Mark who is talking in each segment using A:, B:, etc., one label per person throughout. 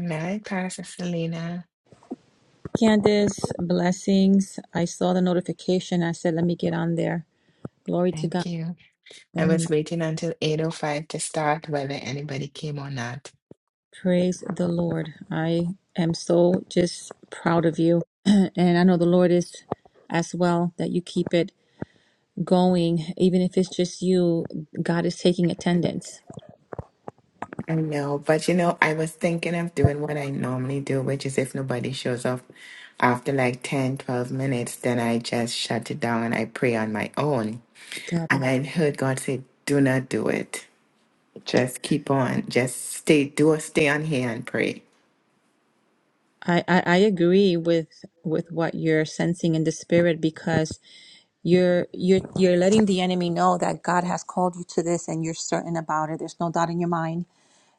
A: night, Pastor Selena.
B: Candace, blessings. I saw the notification. I said, let me get on there. Glory to God.
A: Thank you. I
B: Amen.
A: was waiting until 8.05 to start whether anybody came or not.
B: Praise the Lord. I am so just proud of you. and I know the Lord is as well that you keep it going. Even if it's just you, God is taking attendance.
A: I know, but you know, I was thinking of doing what I normally do, which is if nobody shows up after like 10, 12 minutes, then I just shut it down and I pray on my own.
B: God.
A: And I heard God say, do not do it. Just keep on. Just stay, do stay on here and pray.
B: I, I, I agree with with what you're sensing in the spirit because You're you're you're letting the enemy know that God has called you to this and you're certain about it. There's no doubt in your mind.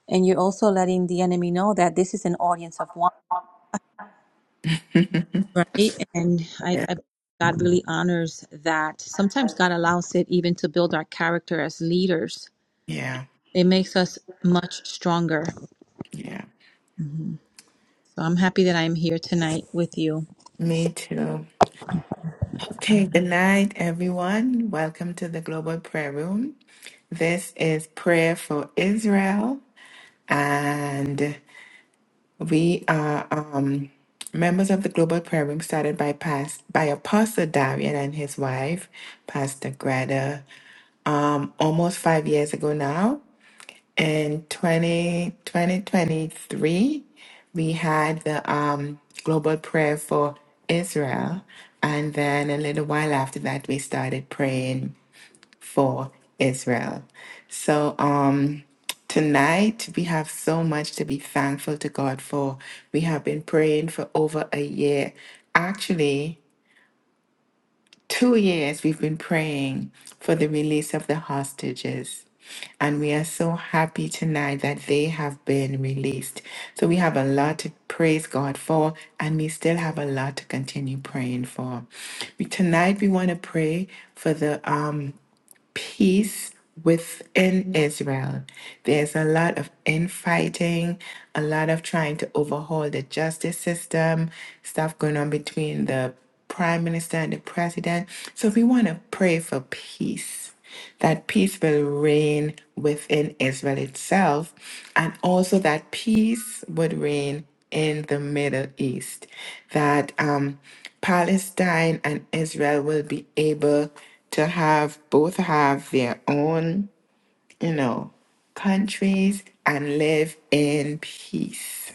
B: And you're also letting the enemy know that this is an audience of one, right? And I,
A: Yeah.
B: I God really honors that. Sometimes God allows it even to build our character as leaders.
A: Yeah.
B: It makes us much stronger.
A: Yeah.
B: So I'm happy that I'm here tonight with you.
A: Me too. Okay, good night, everyone. Welcome to the Global Prayer Room. This is Prayer for Israel, and we are um, members of the Global Prayer Room started by past by Apostle Darian and his wife, Pastor Greta, um, almost five years ago now in 20, 2023, we had the um, global prayer for Israel. And then a little while after that, we started praying for Israel. So um, tonight, we have so much to be thankful to God for. We have been praying for over a year. Actually, Two years we've been praying for the release of the hostages. And we are so happy tonight that they have been released. So we have a lot to praise God for, and we still have a lot to continue praying for. We, tonight we want to pray for the um peace within Israel. There's a lot of infighting, a lot of trying to overhaul the justice system, stuff going on between the prime minister and the president. So we want to pray for peace. That peace will reign within Israel itself, and also that peace would reign in the Middle East, that um, Palestine and Israel will be able to have both have their own, you know, countries and live in peace.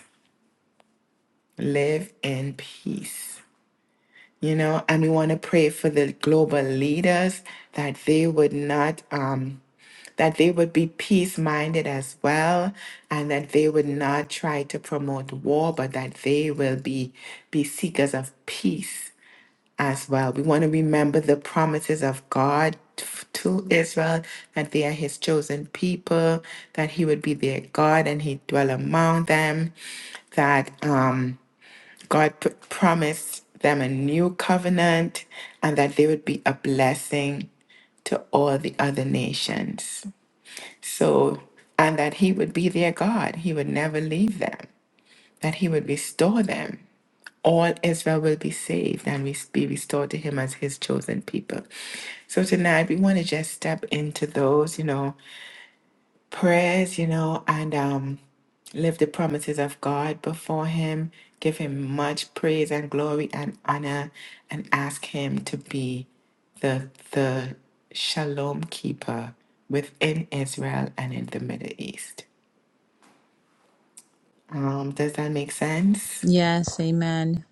A: Live in peace you know, and we want to pray for the global leaders that they would not, um, that they would be peace minded as well, and that they would not try to promote war, but that they will be, be seekers of peace as well. We want to remember the promises of God t- to Israel that they are his chosen people, that he would be their God and he dwell among them, that, um, God p- promised them a new covenant and that they would be a blessing to all the other nations. So, and that He would be their God. He would never leave them, that He would restore them. All Israel will be saved and we be restored to Him as His chosen people. So, tonight we want to just step into those, you know prayers, you know, and um, live the promises of God before Him, give Him much praise and glory and honor, and ask Him to be the, the shalom keeper within Israel and in the Middle East. Um, does that make sense?
B: Yes, amen.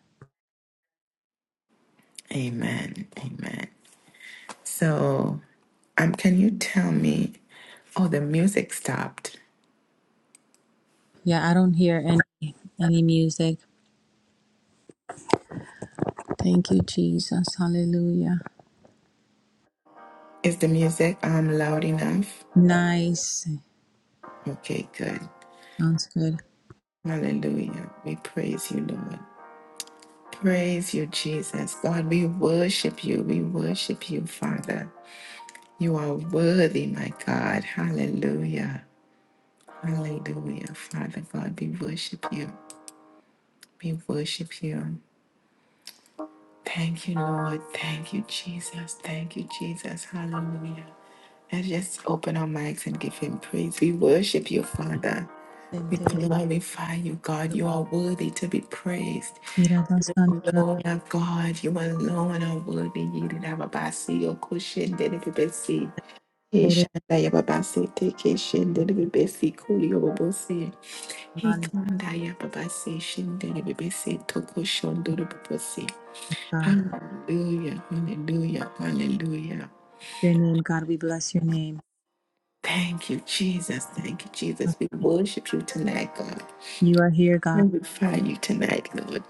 A: Amen. Amen. So, um, can you tell me? Oh, the music stopped.
B: Yeah, I don't hear any, any music. Thank you, Jesus. Hallelujah.
A: Is the music um loud enough?
B: Nice.
A: Okay, good.
B: Sounds good.
A: Hallelujah. We praise you, Lord. Praise you, Jesus. God, we worship you. We worship you, Father. You are worthy, my God. Hallelujah. Hallelujah. Father God, we worship you. We worship you. Thank you, Lord. Thank you, Jesus. Thank you, Jesus. Hallelujah. Let's just open our mics and give him praise. We worship you, Father. We
B: Sentere-
A: glorify you, God. You are worthy to be praised.
B: Irabasantara
A: Lord of God, you alone are worthy. You did have a basi, your cushion, did it be besi. He
B: Soro
A: shanda ya babasi, take a shin, did it be besi, kuli yo babosi. He
B: Manta,
A: kanda ya babasi, shin, did it be besi, toko shon, did it be besi.
B: God.
A: Hallelujah, hallelujah, hallelujah.
B: Your name, God, we bless your name.
A: Thank you, Jesus. Thank you, Jesus. We worship you tonight, God.
B: You are here, God.
A: Glorify you tonight, Lord.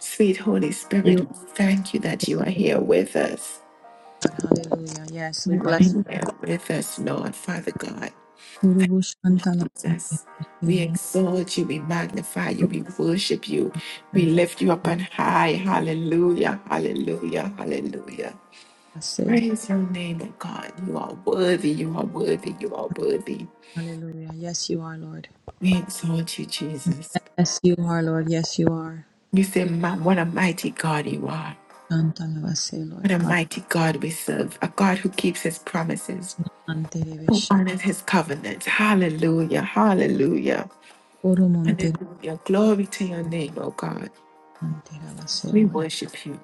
A: Sweet Holy
B: You
A: Spirit, we
B: are
A: thank you that you are here with us.
B: God. Hallelujah. Yes, we
A: You are
B: bless you.
A: here with us, Lord, Father God,
B: Urubu Shantala Mante,
A: Jesus. We
B: Shelo
A: exalt you, we magnify you, we worship you, we
B: Rubu.
A: lift you up on high. Hallelujah, hallelujah, hallelujah.
B: Arabase.
A: Praise your name, O God. You are worthy, you are worthy, you are worthy.
B: Hallelujah. Yes, you are, Lord.
A: We exalt you, Jesus.
B: Yes, you are, Lord. Yes, you are.
A: We say, "Ma- What a mighty God you are.
B: Shantala Vase, Lord.
A: What a
B: Hallelujah.
A: mighty God we serve, a God who keeps his promises,
B: Antere
A: who
B: Veshe.
A: honors his covenant. Hallelujah, hallelujah.
B: Urumonte
A: Hallelujah. Glory to your name, O God.
B: Mantera Vase,
A: We
B: Lord.
A: worship you.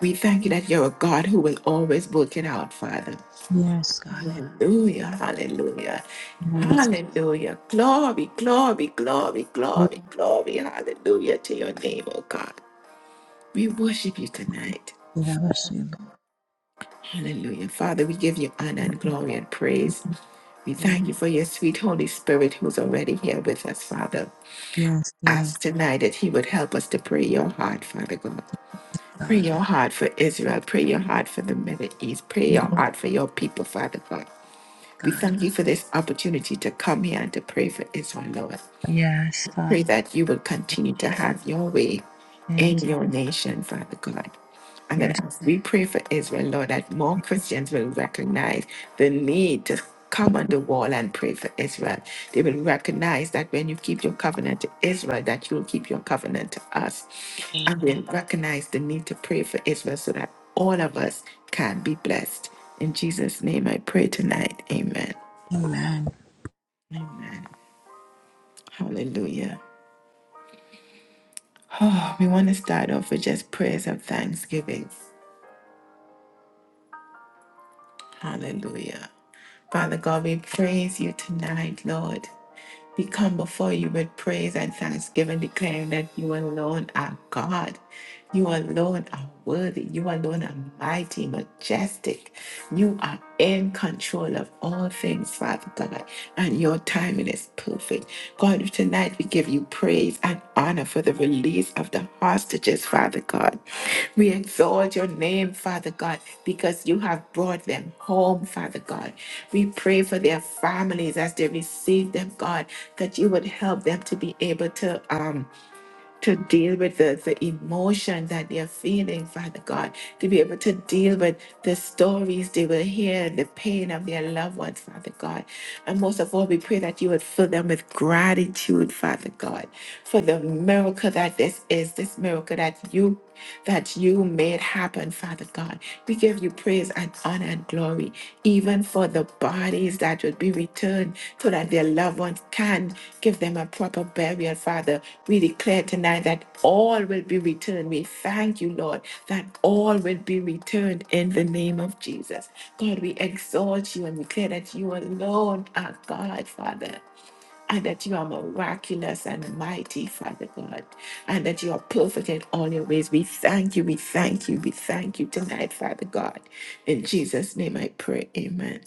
A: We thank you that you're a God who will always work it out, Father.
B: Yes, God. Yes.
A: Hallelujah. Hallelujah.
B: Yes,
A: Hallelujah. Glory, glory, glory,
B: Lord.
A: glory, glory. Hallelujah to your name, O God. We worship you tonight.
B: Urabashe,
A: Hallelujah. Father, we give you honor and
B: Lord.
A: glory and praise. We thank you for your sweet Holy Spirit who's already here with us, Father.
B: Yes, yes.
A: Ask tonight that He would help us to pray your heart, Father God. Pray
B: God.
A: your heart for Israel. Pray your heart for the Middle East. Pray
B: Meet
A: your
B: us,
A: heart for your people, Father God. We
B: God.
A: thank you for this opportunity to come here and to pray for Israel, Lord.
B: Yes, Father.
A: Pray that you will
B: we
A: continue to have your way in
B: Thank you.
A: your nation, Father God. And
B: Yes.
A: that as we pray for Israel, Lord, that more Christians will recognize the need to come on the wall and pray for Israel. They will recognize that when you keep your covenant to Israel, that you will keep your covenant to us. And
B: Hallelujah.
A: we'll recognize the need to pray for Israel so that all of us can be blessed. In Jesus' name I pray tonight. Amen.
B: Amen.
A: Amen. Hallelujah. Oh, we want to start off with just prayers of thanksgiving. Hallelujah. Father God, we praise you tonight, Lord. We come before you with praise and thanksgiving, declaring that you alone are God You alone are worthy. You alone are mighty, majestic. You are in control of all things, Father God, and your timing is perfect. God, tonight we give you praise and honor for the release of the hostages, Father God. We exalt your name, Father God, because you have brought them home, Father God. We pray for their families as they receive them, God, that you would help them to be able to. Um, to deal with the, the emotion that they're feeling, Father God, to be able to deal with the stories they will hear, the pain of their loved ones, Father God. And most of all, we pray that you would fill them with gratitude, Father God, for the miracle that this is, this miracle that you that you made happen, Father God. We give you praise and honor and glory, even for the bodies that would be returned so that their loved ones can give them a proper burial, Father. We declare tonight that all will be returned. We thank you, Lord, that all will be returned in the name of Jesus. God, we exalt you and declare that you alone are God, Father and that you are miraculous and mighty, Father God, and that you are perfect in all your ways. We thank you, we thank you, we thank you tonight, Father God. In Jesus' name I pray, amen.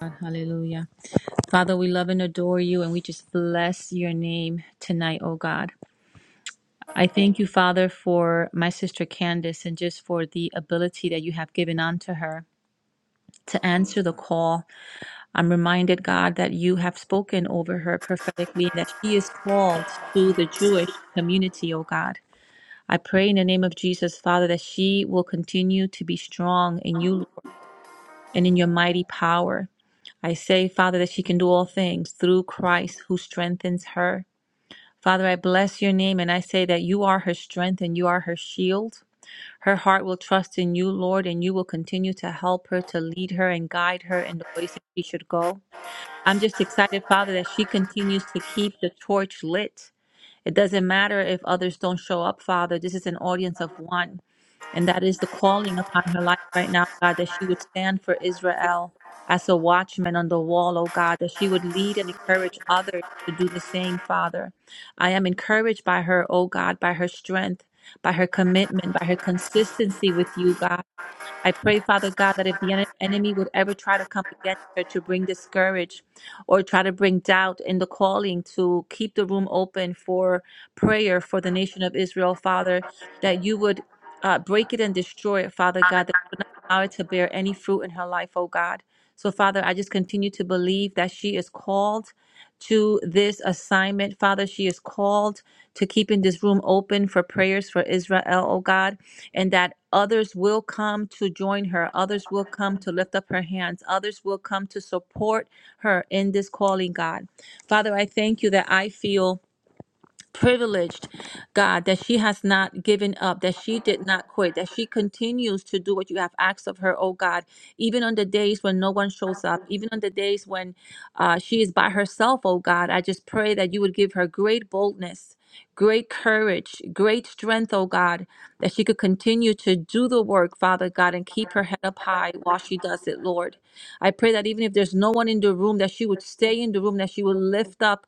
B: God, hallelujah. Father, we love and adore you, and we just bless your name tonight, oh God. I thank you, Father, for my sister Candace and just for the ability that you have given unto her to answer the call. I'm reminded, God, that you have spoken over her prophetically, that she is called to the Jewish community, oh God. I pray in the name of Jesus, Father, that she will continue to be strong in you, Lord, and in your mighty power. I say, Father, that she can do all things through Christ who strengthens her. Father, I bless your name and I say that you are her strength and you are her shield. Her heart will trust in you, Lord, and you will continue to help her, to lead her and guide her in the ways that she should go. I'm just excited, Father, that she continues to keep the torch lit. It doesn't matter if others don't show up, Father. This is an audience of one. And that is the calling upon her life right now, God, that she would stand for Israel as a watchman on the wall, oh God, that she would lead and encourage others to do the same, Father. I am encouraged by her, oh God, by her strength, by her commitment, by her consistency with you, God. I pray, Father God, that if the en- enemy would ever try to come against her to bring discourage or try to bring doubt in the calling to keep the room open for prayer for the nation of Israel, Father, that you would uh, break it and destroy it, Father God allow it to bear any fruit in her life, oh God. So, Father, I just continue to believe that she is called to this assignment. Father, she is called to keeping this room open for prayers for Israel, oh God, and that others will come to join her. Others will come to lift up her hands. Others will come to support her in this calling, God. Father, I thank you that I feel privileged, God, that she has not given up, that she did not quit, that she continues to do what you have asked of her, oh God, even on the days when no one shows up, even on the days when uh, she is by herself, oh God. I just pray that you would give her great boldness. Great courage, great strength, oh God, that she could continue to do the work, Father God, and keep her head up high while she does it, Lord. I pray that even if there's no one in the room, that she would stay in the room, that she would lift up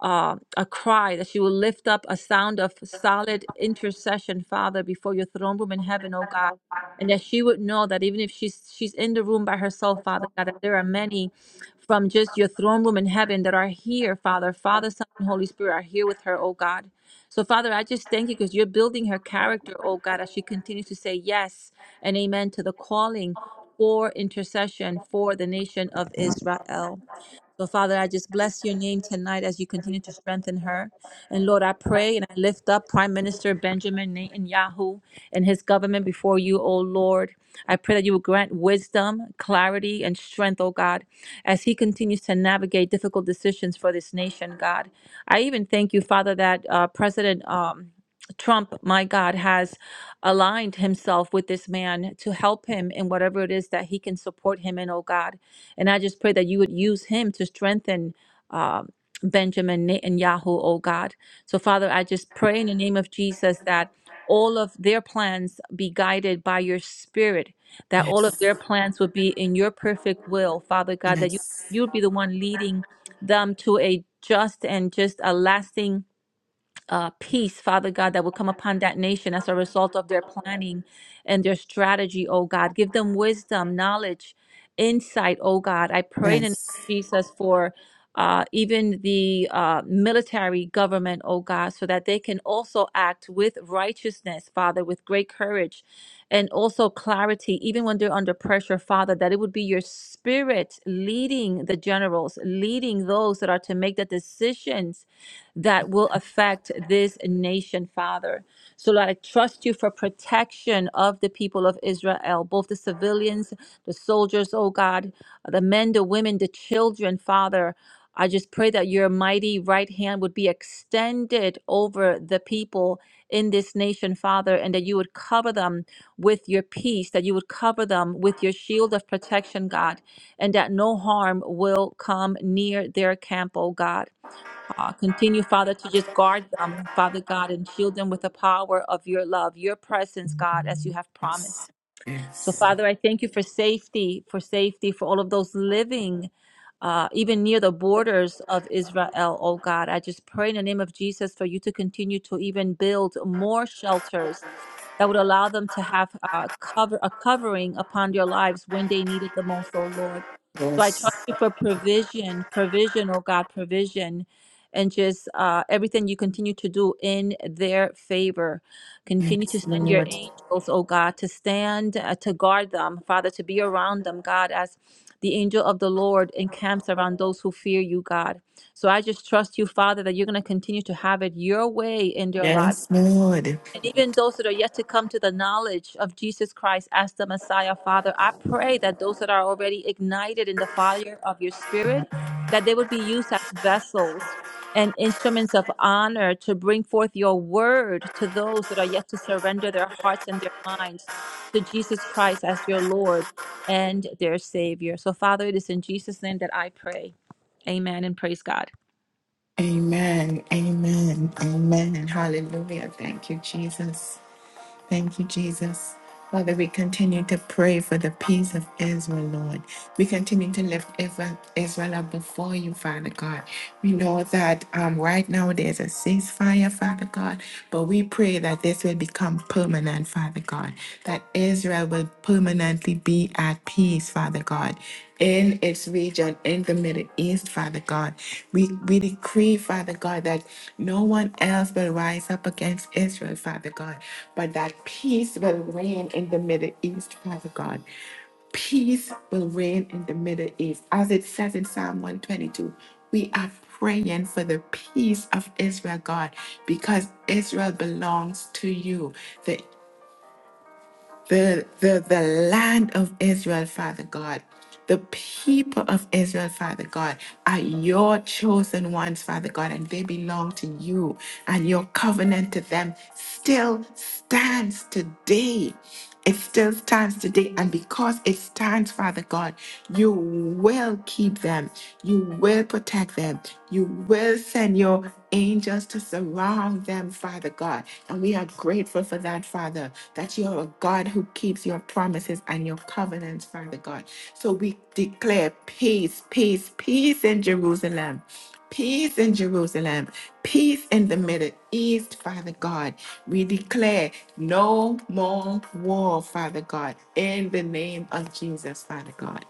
B: uh, a cry, that she will lift up a sound of solid intercession, Father, before your throne room in heaven, oh God. And that she would know that even if she's she's in the room by herself, Father God, that there are many from just your throne room in heaven that are here, Father. Father, Son, and Holy Spirit are here with her, oh God. So, Father, I just thank you because you're building her character, oh God, as she continues to say yes and amen to the calling for intercession for the nation of Israel. So, Father, I just bless your name tonight as you continue to strengthen her. And Lord, I pray and I lift up Prime Minister Benjamin Netanyahu and his government before you, O Lord. I pray that you will grant wisdom, clarity, and strength, O God, as he continues to navigate difficult decisions for this nation, God. I even thank you, Father, that uh, President um, Trump, my God, has aligned himself with this man to help him in whatever it is that he can support him in, oh God. And I just pray that you would use him to strengthen uh, Benjamin Netanyahu, oh God. So, Father, I just pray in the name of Jesus that all of their plans be guided by your spirit, that all of
A: Yes,
B: their plans would be in your perfect will, Father God, that you,
A: yes,
B: you would be the one leading them to a just and just a lasting uh, peace, Father God, that will come upon that nation as a result of their planning and their strategy, oh God. Give them wisdom, knowledge, insight, oh God. I pray in the name
A: yes,
B: of Jesus for uh, even the uh, military government, oh God, so that they can also act with righteousness, Father, with great courage and also clarity, even when they're under pressure, Father, that it would be your spirit leading the generals, leading those that are to make the decisions that will affect this nation, Father. So, Lord, I trust you for protection of the people of Israel, both the civilians, the soldiers, oh God, the men, the women, the children, Father. I just pray that your mighty right hand would be extended over the people in this nation, Father, and that you would cover them with your peace, that you would cover them with your shield of protection, God, and that no harm will come near their camp, oh God. Uh, continue, Father, to just guard them, Father God, and shield them with the power of your love, your presence, God, as you have
A: yes,
B: promised. So,
A: yes,
B: Father, I thank you for safety, for safety for all of those living uh, even near the borders of Israel, oh God. I just pray in the name of Jesus for you to continue to even build more shelters that would allow them to have uh, cover, a covering upon their lives when they need it the most, oh Lord. So I
A: yes,
B: trust you for provision, provision, oh God, provision, and just uh, everything you continue to do in their favor. Continue to
A: yes,
B: send your
A: Lord,
B: angels, oh God, to stand, uh, to guard them, Father, to be around them, God, as the angel of the Lord encamps around those who fear you, God. So I just trust you, Father, that you're going to continue to have it your way in their lives.
A: yes, Lord.
B: And even those that are yet to come to the knowledge of Jesus Christ as the Messiah, Father, I pray that those that are already ignited in the fire of your spirit, that they would be used as vessels and instruments of honor to bring forth your word to those that are yet to surrender their hearts and their minds to Jesus Christ as your Lord and their Savior. So, Father, it is in Jesus' name that I pray. Amen and praise God.
A: Amen, amen, amen. Hallelujah. Thank you, Jesus. Thank you, Jesus. Father, we continue to pray for the peace of Israel, Lord. We continue to lift Israel, Israel up before you, Father God. We know that um, right now there's a ceasefire, Father God, but we pray that this will become permanent, Father God, that Israel will permanently be at peace, Father God in its region in the Middle East, Father God. We, we decree, Father God, that no one else will rise up against Israel, Father God, but that peace will reign in the Middle East, Father God. Peace will reign in the Middle East. As it says in Psalm 122, we are praying for the peace of Israel, God, because Israel belongs to you the, the, the land of Israel, Father God. The people of Israel, Father God, are your chosen ones, Father God, and they belong to you. And your covenant to them still stands today. It still stands today. And because it stands, Father God, you will keep them you will protect them. You will send your angels to surround them, Father God. And we are grateful for that, Father, that you are a God who keeps your promises and your covenants, Father God. So we declare peace, peace, peace in Jerusalem. Peace in Jerusalem, peace in the Middle East, Father God. We declare no more war, Father God, in the name of Jesus, Father God.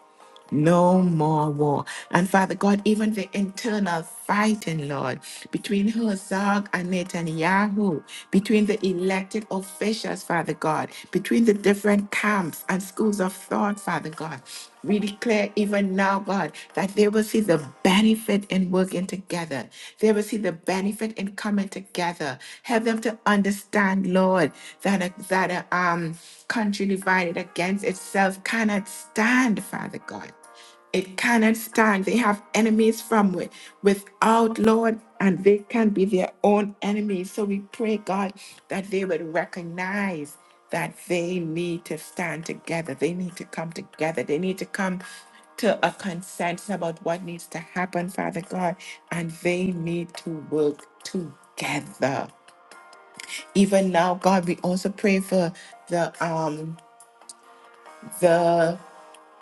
A: No more war. And Father God, even the internal fighting, Lord, between Herzog and Netanyahu, between the elected officials, Father God, between the different camps and schools of thought, Father God. We declare even now, God, that they will see the benefit in working together. They will see the benefit in coming together. Help them to understand, Lord, that, that um, country divided against itself cannot stand, Father God. It cannot stand. They have enemies from wi- without, Lord, and they can be their own enemies. So we pray, God, that they would recognize that they need to stand together. They need to come together. They need to come to a consensus about what needs to happen, Father God, and they need to work together. Even now, God, we also pray for the um the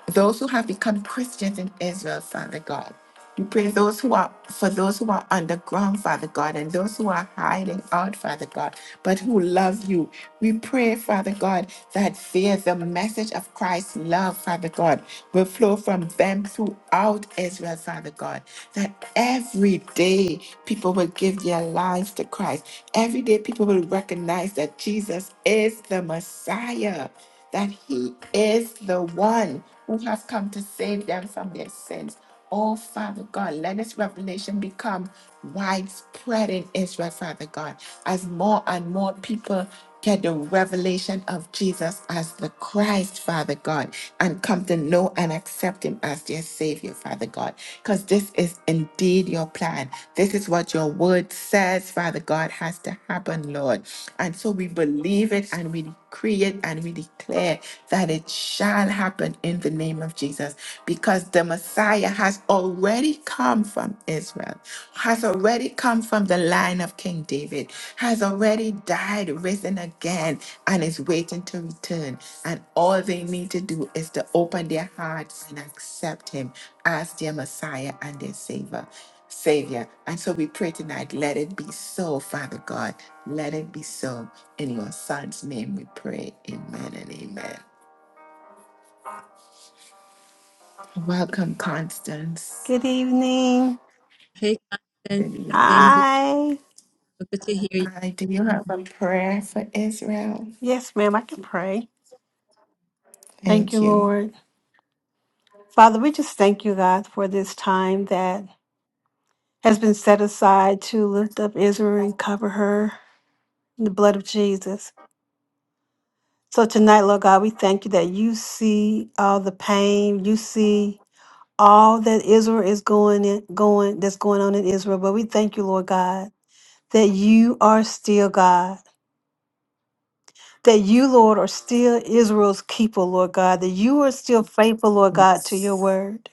A: those who have become Christians in Israel, Father God. We pray those who are for those who are underground, Father God, and those who are hiding out, Father God, but who love you. We pray, Father God, that there the message of Christ's love, Father God, will flow from them throughout Israel, Father God. That every day people will give their lives to Christ. Every day people will recognize that Jesus is the Messiah, that He is the one who have come to save them from their sins. Oh, Father God, let this revelation become widespread in Israel, Father God, as more and more people get the revelation of Jesus as the Christ, Father God, and come to know and accept Him as their Savior, Father God, because this is indeed your plan. This is what your word says, Father God, has to happen, Lord. And so we believe it and we decree it and we declare that it shall shall happen in the name of Jesus because the Messiah has already come from Israel, has already come from the line of King David, has already died, risen again, and is waiting to return. And all they need to do is to open their hearts and accept him as their Messiah and their Savior. Savior. And so we pray tonight, let it be so, Father God. Let it be so. In your son's name we pray. Amen and amen. Welcome, Constance.
C: Good evening.
B: Hey, Constance.
A: Good
B: Things
A: evening.
B: look
C: Hi.
B: good to hear
A: Hi, do you have a prayer for Israel?
C: Yes, ma'am, I can pray. Thank
A: Thank
C: you,
A: you.
C: Lord. Father, we just thank you, God, for this time that has been set aside to lift up Israel and cover her in the blood of Jesus. So tonight, Lord God, we thank you that you see all the pain, you see all that Israel is going in, going that's going on in Israel. But we thank you, Lord God, that you are still God. that you, Lord, are still Israel's keeper, Lord God, that you are still faithful, Lord God, to your
A: Yes.
C: word.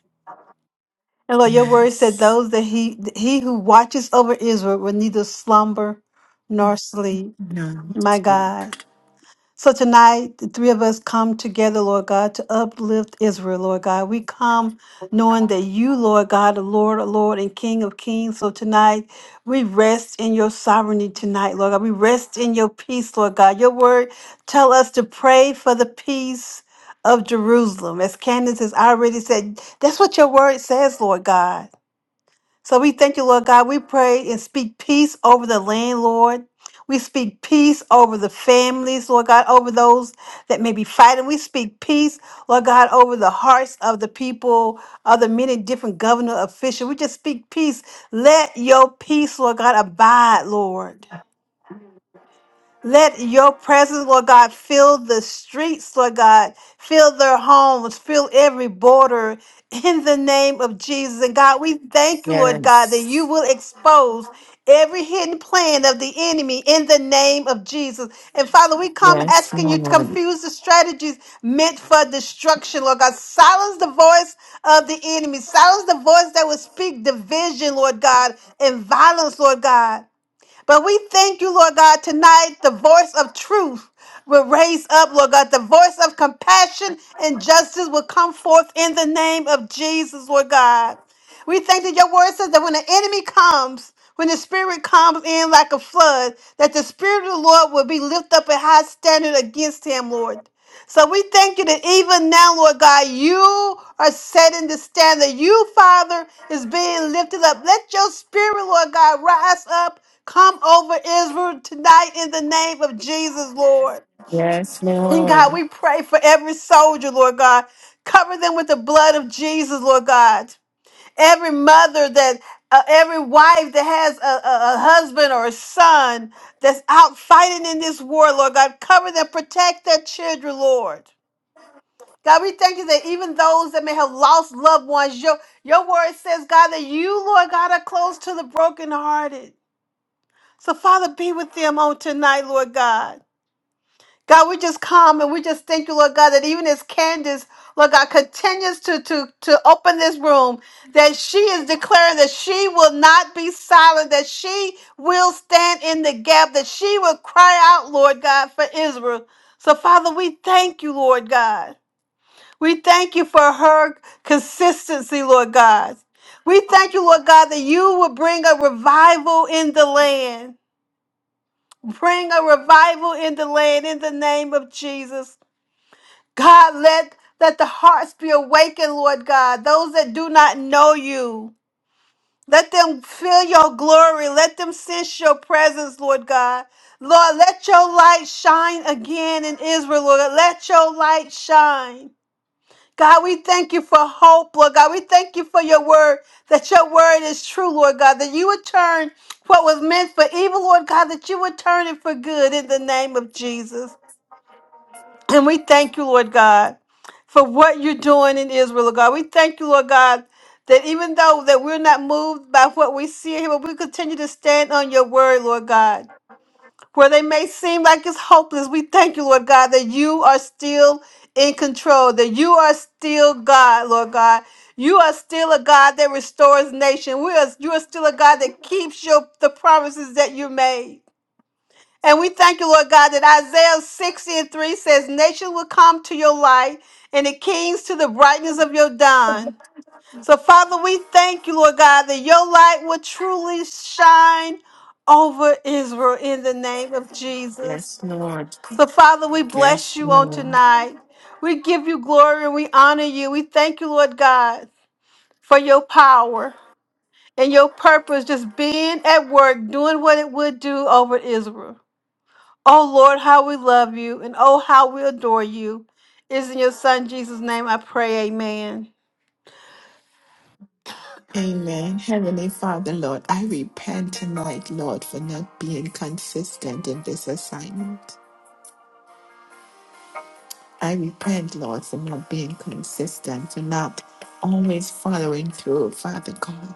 C: And Lord, your word said
A: Yes.
C: those that he he who watches over Israel will neither slumber nor sleep.
A: No.
C: My God. So tonight, the three of us come together, Lord God, to uplift Israel, Lord God. We come knowing that you, Lord God, the Lord, the Lord, and King of Kings. So tonight, we rest in your sovereignty tonight, Lord God. We rest in your peace, Lord God. Your word tell us to pray for the peace of Jerusalem. As Candace has already said, that's what your word says, Lord God. So we thank you, Lord God. We pray and speak peace over the land, Lord. We speak peace over the families, Lord God, over those that may be fighting. We speak peace, Lord God, over the hearts of the people, of the many different governor officials. We just speak peace. Let your peace, Lord God, abide, Lord. Let your presence, Lord God, fill the streets, Lord God, fill their homes, fill every border in the name of Jesus. And God, we thank you, Lord God, that you
A: Yes.
C: will expose every hidden plan of the enemy in the name of Jesus. And Father, we come
A: Yes,
C: asking you to
A: Lord.
C: confuse the strategies meant for destruction, Lord God. Silence the voice of the enemy, silence the voice that will speak division, Lord God, and violence, Lord God. But we thank you, Lord God, tonight the voice of truth will raise up, Lord God. The voice of compassion and justice will come forth in the name of Jesus, Lord God. We thank that your word says that when the enemy comes, when the spirit comes in like a flood, that the spirit of the Lord will be lifted up a high standard against him, Lord. So we thank you that even now, Lord God, you are setting the standard. You, Father, is being lifted up. Let your spirit, Lord God, rise up. Come over Israel tonight in the name of Jesus, Lord.
A: Yes,
C: And God,
A: Lord.
C: we pray for every soldier, Lord God. Cover them with the blood of Jesus, Lord God. Every mother that, uh, every wife that has a, a a husband or a son that's out fighting in this war, Lord God, cover them, protect their children, Lord. God, we thank you that even those that may have lost loved ones, your, your word says, God, that you, Lord God, are close to the brokenhearted. So, Father, be with them on tonight, Lord God. God, we just come and we just thank you, Lord God, that even as Candace, Lord God, continues to, to, to open this room, that she is declaring that she will not be silent, that she will stand in the gap, that she will cry out, Lord God, for Israel. So, Father, we thank you, Lord God. We thank you for her consistency, Lord God. We thank you, Lord God, that you will bring a revival in the land. Bring a revival in the land in the name of Jesus. God, let, let the hearts be awakened, Lord God. Those that do not know you, let them feel your glory. Let them sense your presence, Lord God. Lord, let your light shine again in Israel, Lord. Let your light shine. God, we thank you for hope, Lord God. We thank you for your word, that your word is true, Lord God, that you would turn what was meant for evil, Lord God, that you would turn it for good in the name of Jesus. And we thank you, Lord God, for what you're doing in Israel, Lord God. We thank you, Lord God, that even though that we're not moved by what we see here, but we continue to stand on your word, Lord God. Where they may seem like it's hopeless, we thank you, Lord God, that you are still in control, that you are still God, Lord God. You are still a God that restores nation. We are, you are still a God that keeps your the promises that you made. And we thank you, Lord God, that Isaiah 60 and 3 says, Nation will come to your light and the kings to the brightness of your dawn. So, Father, we thank you, Lord God, that your light will truly shine over Israel in the name of Jesus.
A: Yes, Lord.
C: So, Father, we bless
A: Yes,
C: you on
A: Lord.
C: tonight. We give you glory and we honor you. We thank you, Lord God, for your power and your purpose just being at work, doing what it would do over Israel. Oh, Lord, how we love you and oh, how we adore you. It Is in your Son Jesus' name I pray, amen.
A: Amen. Heavenly Father, Lord, I repent tonight, Lord, for not being consistent in this assignment. I repent, Lord, for not being consistent, for not always following through. Father God,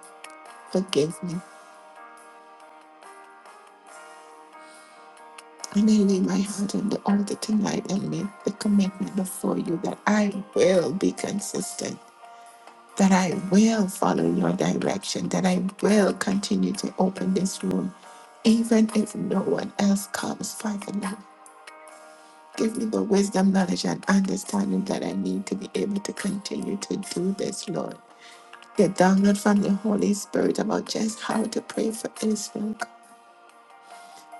A: forgive me. And I lay my heart on the altar tonight and make the commitment before you that I will be consistent, that I will follow your direction, that I will continue to open this room, even if no one else comes. Father God, give me the wisdom, knowledge, and understanding that I need to be able to continue to do this, Lord. the download from the Holy Spirit about just how to pray for Israel.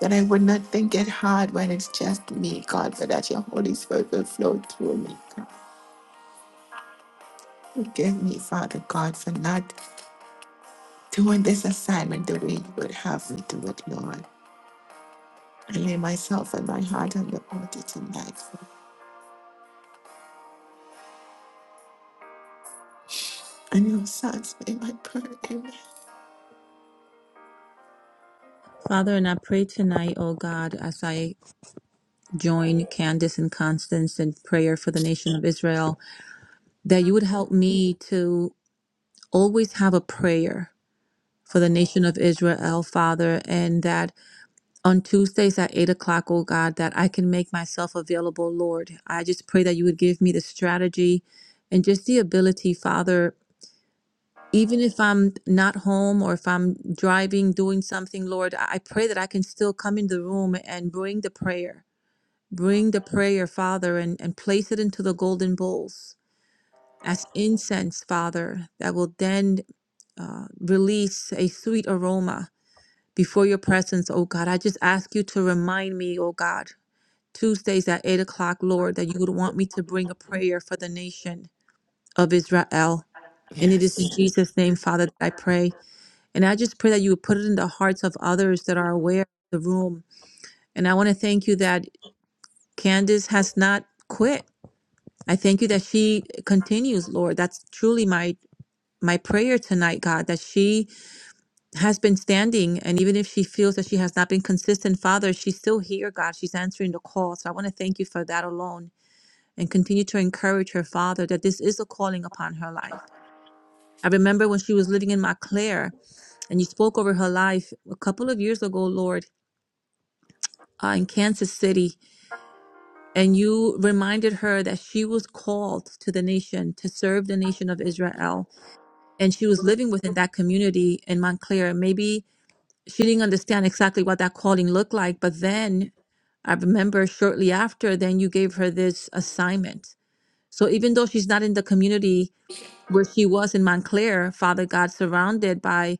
A: That I would not think it hard when it's just me, God, but that your Holy Spirit will flow through me. God. Forgive me, Father God, for not doing this assignment the way you would have me do it, Lord. I lay myself and my heart on the altar tonight. And your sons may my prayer. Amen.
B: Father, and I pray tonight, O God, as I join Candace and Constance in prayer for the nation of Israel, that you would help me to always have a prayer for the nation of Israel, Father, and that on Tuesdays at 8 o'clock, O God, that I can make myself available, Lord. I just pray that you would give me the strategy and just the ability, Father. Even if I'm not home or if I'm driving, doing something, Lord, I I pray that I can still come in the room and bring the prayer Bring the prayer, Father, and, and place it into the golden bowls as incense, Father, that will then uh, release a sweet aroma before your presence, oh God. I just ask you to remind me, oh God, Tuesdays at 8 o'clock, Lord, that you would want me to bring a prayer for the nation of Israel. And it is in
A: Yes.
B: Jesus' name, Father, that I pray. And I just pray that you would put it in the hearts of others that are aware of the room. And I want to thank you that Candace has not quit I thank you that she continues, Lord. That's truly my my prayer tonight, God, that she has been standing and even if she feels that she has not been consistent, Father, she's still here, God. She's answering the call. So I want to thank you for that alone and continue to encourage her, Father, that this is a calling upon her life. I remember when she was living in Montclair and you spoke over her life a couple of years ago, Lord, uh, in Kansas City, and you reminded her that she was called to the nation to serve the nation of Israel and she was living within that community in Montclair. Maybe she didn't understand exactly what that calling looked like, but then I remember shortly after, then you gave her this assignment. So even though she's not in the community where she was in Montclair, Father God, surrounded by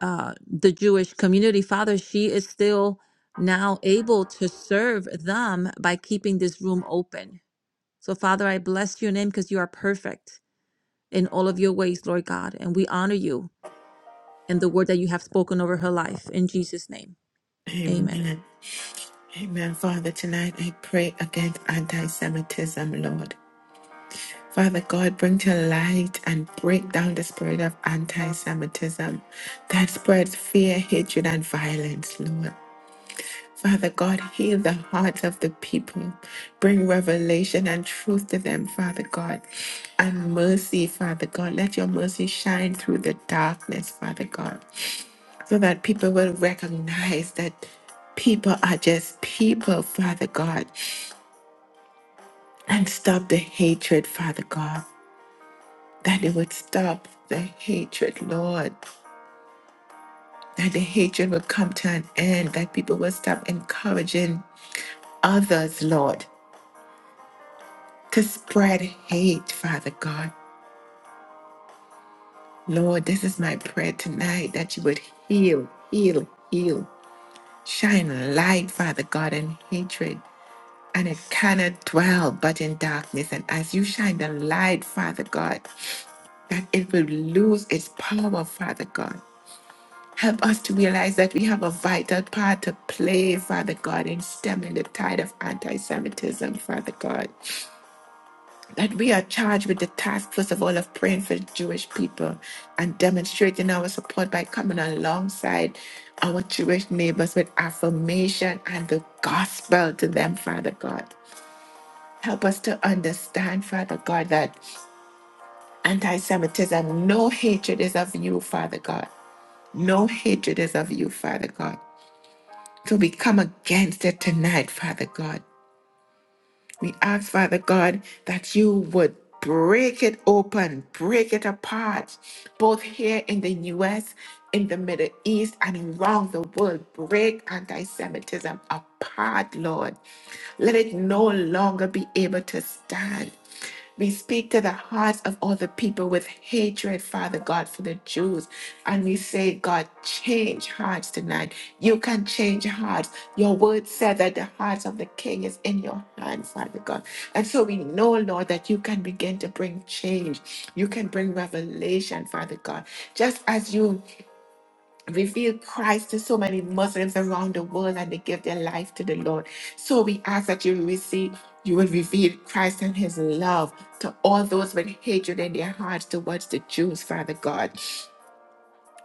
B: uh, the Jewish community, Father, she is still now able to serve them by keeping this room open. So, Father, I bless your name because you are perfect in all of your ways, Lord God, and we honor you and the word that you have spoken over her life. In Jesus' name, amen.
A: Amen. Amen. Father, tonight I pray against anti Semitism, Lord. Father God, bring to light and break down the spirit of anti Semitism that spreads fear, hatred, and violence, Lord. Father God, heal the hearts of the people. Bring revelation and truth to them, Father God, and mercy, Father God. Let your mercy shine through the darkness, Father God, so that people will recognize that people are just people, Father God, and stop the hatred, Father God. that it would stop the hatred, Lord, that the hatred would come to an end, that people would stop encouraging others, Lord, to spread hate, Father God. Lord, this is my prayer tonight that you would heal, heal, heal, shine light, Father God, in hatred. And it cannot dwell but in darkness. And as you shine the light, Father God, that it will lose its power, Father God Help us to realize that we have a vital part to play, Father God, in stemming the tide of anti Semitism, Father God. That we are charged with the task, first of all, of praying for Jewish people and demonstrating our support by coming alongside our Jewish neighbors with affirmation and the gospel to them, Father God. Help us to understand, Father God, that anti Semitism, no hatred is of you, Father God. No hatred is of you, Father God. So we come against it tonight, Father God. We ask, Father God, that you would break it open, break it apart, both here in the US, in the Middle East, and around the world. Break anti Semitism apart, Lord. Let it no longer be able to stand. We speak to the hearts of all the people with hatred, Father God, for the Jews. And we say, God, change hearts tonight. You can change hearts. Your word said that the heart of the king is in your hand, Father God. And so we know, Lord, that you can begin to bring change. You can bring revelation, Father God. Just as you reveal Christ to so many Muslims around the world and they give their life to the Lord. So we ask that you receive, you will reveal Christ and his love to all those with hatred in their hearts towards the Jews, Father God.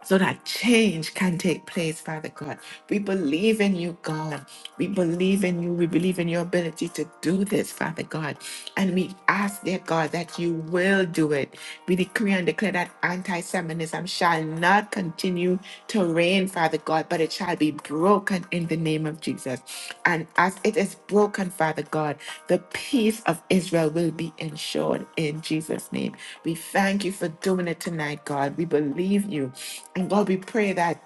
A: So that change can take place, Father God. We believe in you, God. We believe in you. We believe in your ability to do this, Father God. And we ask, dear God, that you will do it. We decree and declare that anti Semitism shall not continue you to reign, Father God, but it shall be broken in the name of Jesus. And as it is broken, Father God, the peace of Israel will be ensured in Jesus' name. We thank you for doing it tonight, God. We believe you. And God, we pray that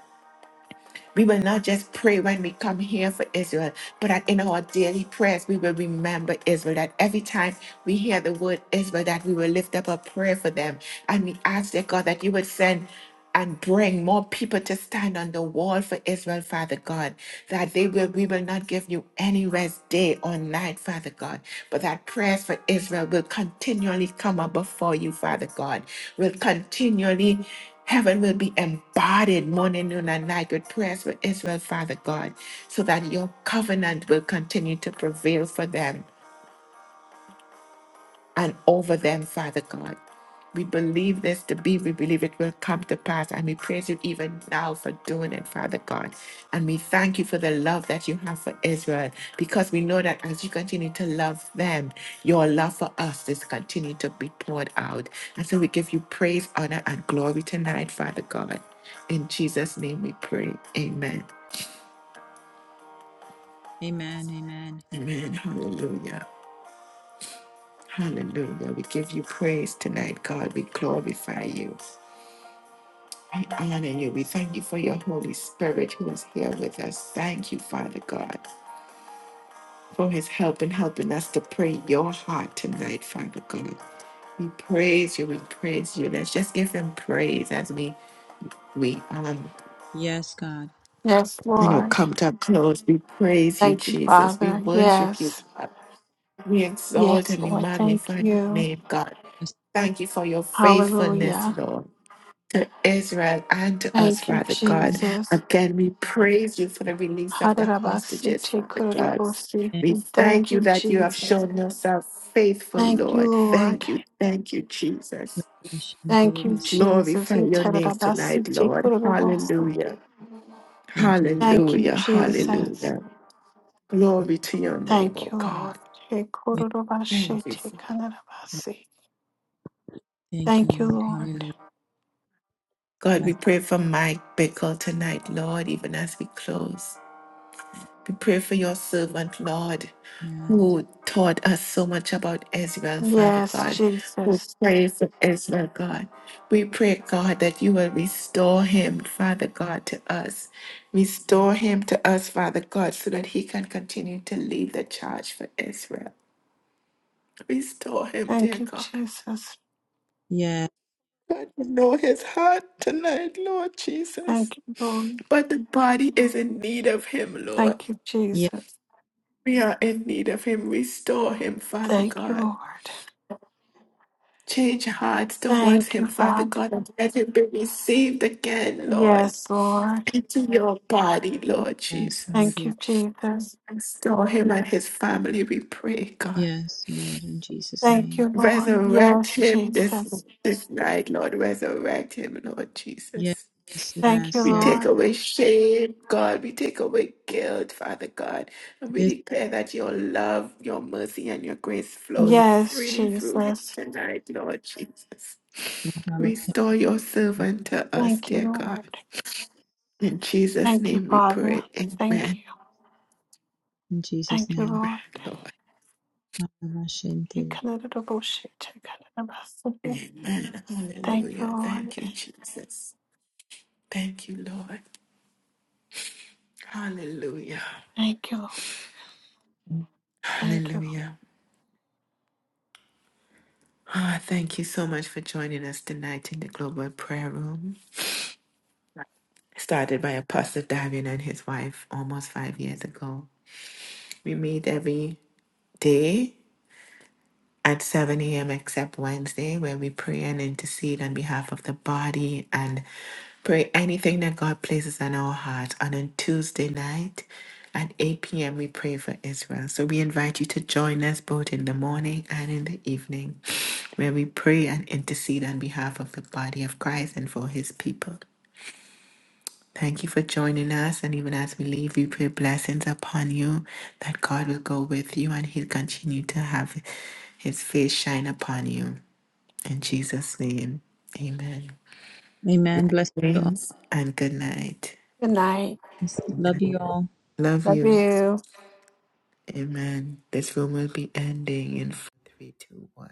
A: we will not just pray when we come here for Israel, but that in our daily prayers, we will remember Israel. That every time we hear the word Israel, that we will lift up a prayer for them. And we ask, dear God, that you would send and bring more people to stand on the wall for Israel, Father God, that they will we will not give you any rest day or night, Father God, but that prayers for Israel will continually come up before you, Father God, will continually Heaven will be embodied morning, noon, and night with prayers for Israel, Father God, so that your covenant will continue to prevail for them and over them, Father God. We believe this to be, we believe it will come to pass, and we praise you even now for doing it, Father God. And we thank you for the love that you have for Israel, because we know that as you continue to love them, your love for us is continuing to be poured out. And so we give you praise, honor, and glory tonight, Father God. In Jesus' name we pray. Amen.
B: Amen. Amen.
A: Amen. Hallelujah. Hallelujah. We give you praise tonight, God. We glorify you. We honor you. We thank you for your Holy Spirit who is here with us. Thank you, Father God, for his help in helping us to pray your heart tonight, Father God. We praise you. We praise you. Let's just give him praise as we we um
B: Yes, God.
C: Yes,
A: you know
C: Lord.
A: come to a close. We praise you,
C: Thank you,
A: Jesus. We
C: Father.
A: worship you,
C: Yes.
A: God. We exalt
C: Yes,
A: and we
C: Lord. Thank
A: magnify your
C: you.
A: name, God.
B: Yes,
A: Thank you for your faithfulness,
C: Hallelujah.
A: Lord. to Israel and to us,
C: Thank you,
A: Father God.
C: Jesus.
A: Again, we praise you for the release of the
C: Hadarabasi,
A: hostages, Father God.
C: Tekorobasi.
B: Thank
A: We thank
C: Thank
A: you
C: you,
A: that you have
C: Jesus.
A: shown yourself faithful,
C: Thank you,
A: Lord.
C: Lord.
A: Thank you. Thank you,
B: you.
A: Jesus.
C: Thank you,
B: Ashanterebes.
C: Jesus.
A: Glorify
C: He
A: your name tonight,
C: Tekorobasi,
A: Lord.
C: Tekorobo.
A: Hallelujah.
B: Thank you.
C: Thank you,
A: Hallelujah.
B: Lord
C: Jesus.
A: Hallelujah.
B: God.
A: Glory to your name,
C: Thank
A: oh
C: you, Lord.
A: God.
B: Yes,
A: Thank
C: Tekorobashi,
B: Lord.
A: you, Father.
C: Tekanarabasi.
B: Thank you,
C: Thank you,
B: Lord.
C: Lord.
B: Hallelujah.
A: God, we
B: Bless
A: pray for Mike Bickle tonight, Lord, even as we close.
B: you.
A: We pray for your servant, Lord,
B: Yes.
A: who taught us so much about Israel, Father
C: Yes,
A: God, who
C: Jesus.
A: prayed for Israel, God. We pray, God, that you will restore him, Father God, to us. Restore him to us, Father God, so that he can continue to lead the charge for Israel. Restore him,
C: Thank
A: dear
C: you,
A: God.
C: Jesus.
B: Yes.
A: God, you know his heart tonight, Lord Jesus.
C: Thank you, Lord.
A: But the body is in need of him, Lord.
C: Thank you,
B: Yes,
C: Jesus.
A: We are in need of him. Restore him, Father
C: Thank you,
A: God.
C: Lord.
A: Change hearts towards
C: Thank you,
A: him, Father
C: Father.
A: God, and let him be received again, Lord,
C: Yes, Lord.
A: into your body, Lord
B: yes, Lord.
A: Jesus.
C: Thank you,
B: Yes.
C: Jesus.
A: Restore him and his family, we pray, God.
B: Yes, Lord. In Jesus'
C: Thank
B: name.
C: you, Lord.
A: Resurrect
C: Yes,
A: him this,
C: Jesus.
A: this night, Lord. Resurrect him, Lord
B: Yes.
A: Jesus.
C: Thank you,
B: Yes.
A: We
B: Yes.
A: take
C: Lord.
A: away shame, God. We take away guilt, Father God. And we
B: This
A: declare that your love, your mercy, and your grace flows
B: holy
C: Yes,
A: freely through him
C: Jesus.
A: tonight, Lord Jesus.
B: envelop him
A: Restore your servant to us,
C: Thank you,
A: dear God.
C: Lord.
A: In Jesus'
C: Thank you,
A: name we
C: Father.
A: pray.
C: Thank you.
A: Amen.
B: in Jesus'
C: Thank you,
B: name.
A: Amen,
C: Lord.
A: Lord.
C: You
B: Ashantere.
C: committed a bullshit. You committed a mess.
A: Amen.
C: Thank you,
A: Hallelujah. Thank
C: Lord.
A: you, Jesus. Thank you, Lord. Hallelujah.
C: Thank you. Lord. Thank you.
A: Hallelujah. Ah, thank you so much for joining us tonight in the Global Prayer Room. started by Apostle Davian and his wife almost five years ago. We meet every day at 7 a.m. except Wednesday, where we pray and intercede on behalf of the body and pray anything that God places on our hearts. And on Tuesday night at 8 p.m., we pray for Israel. So we invite you to join us both in the morning and in the evening, where we pray and intercede on behalf of the body of Christ and for his people. Thank you for joining us. And even as we leave, we pray blessings upon you, that God will go with you and he'll continue to have his face shine upon you. In Jesus' name, amen.
B: Amen. Bless you all.
A: Thanks and good night.
C: Good night.
B: Love you all.
A: Love
C: Love
A: you.
C: you.
A: Amen. This room will be ending in three, two, one.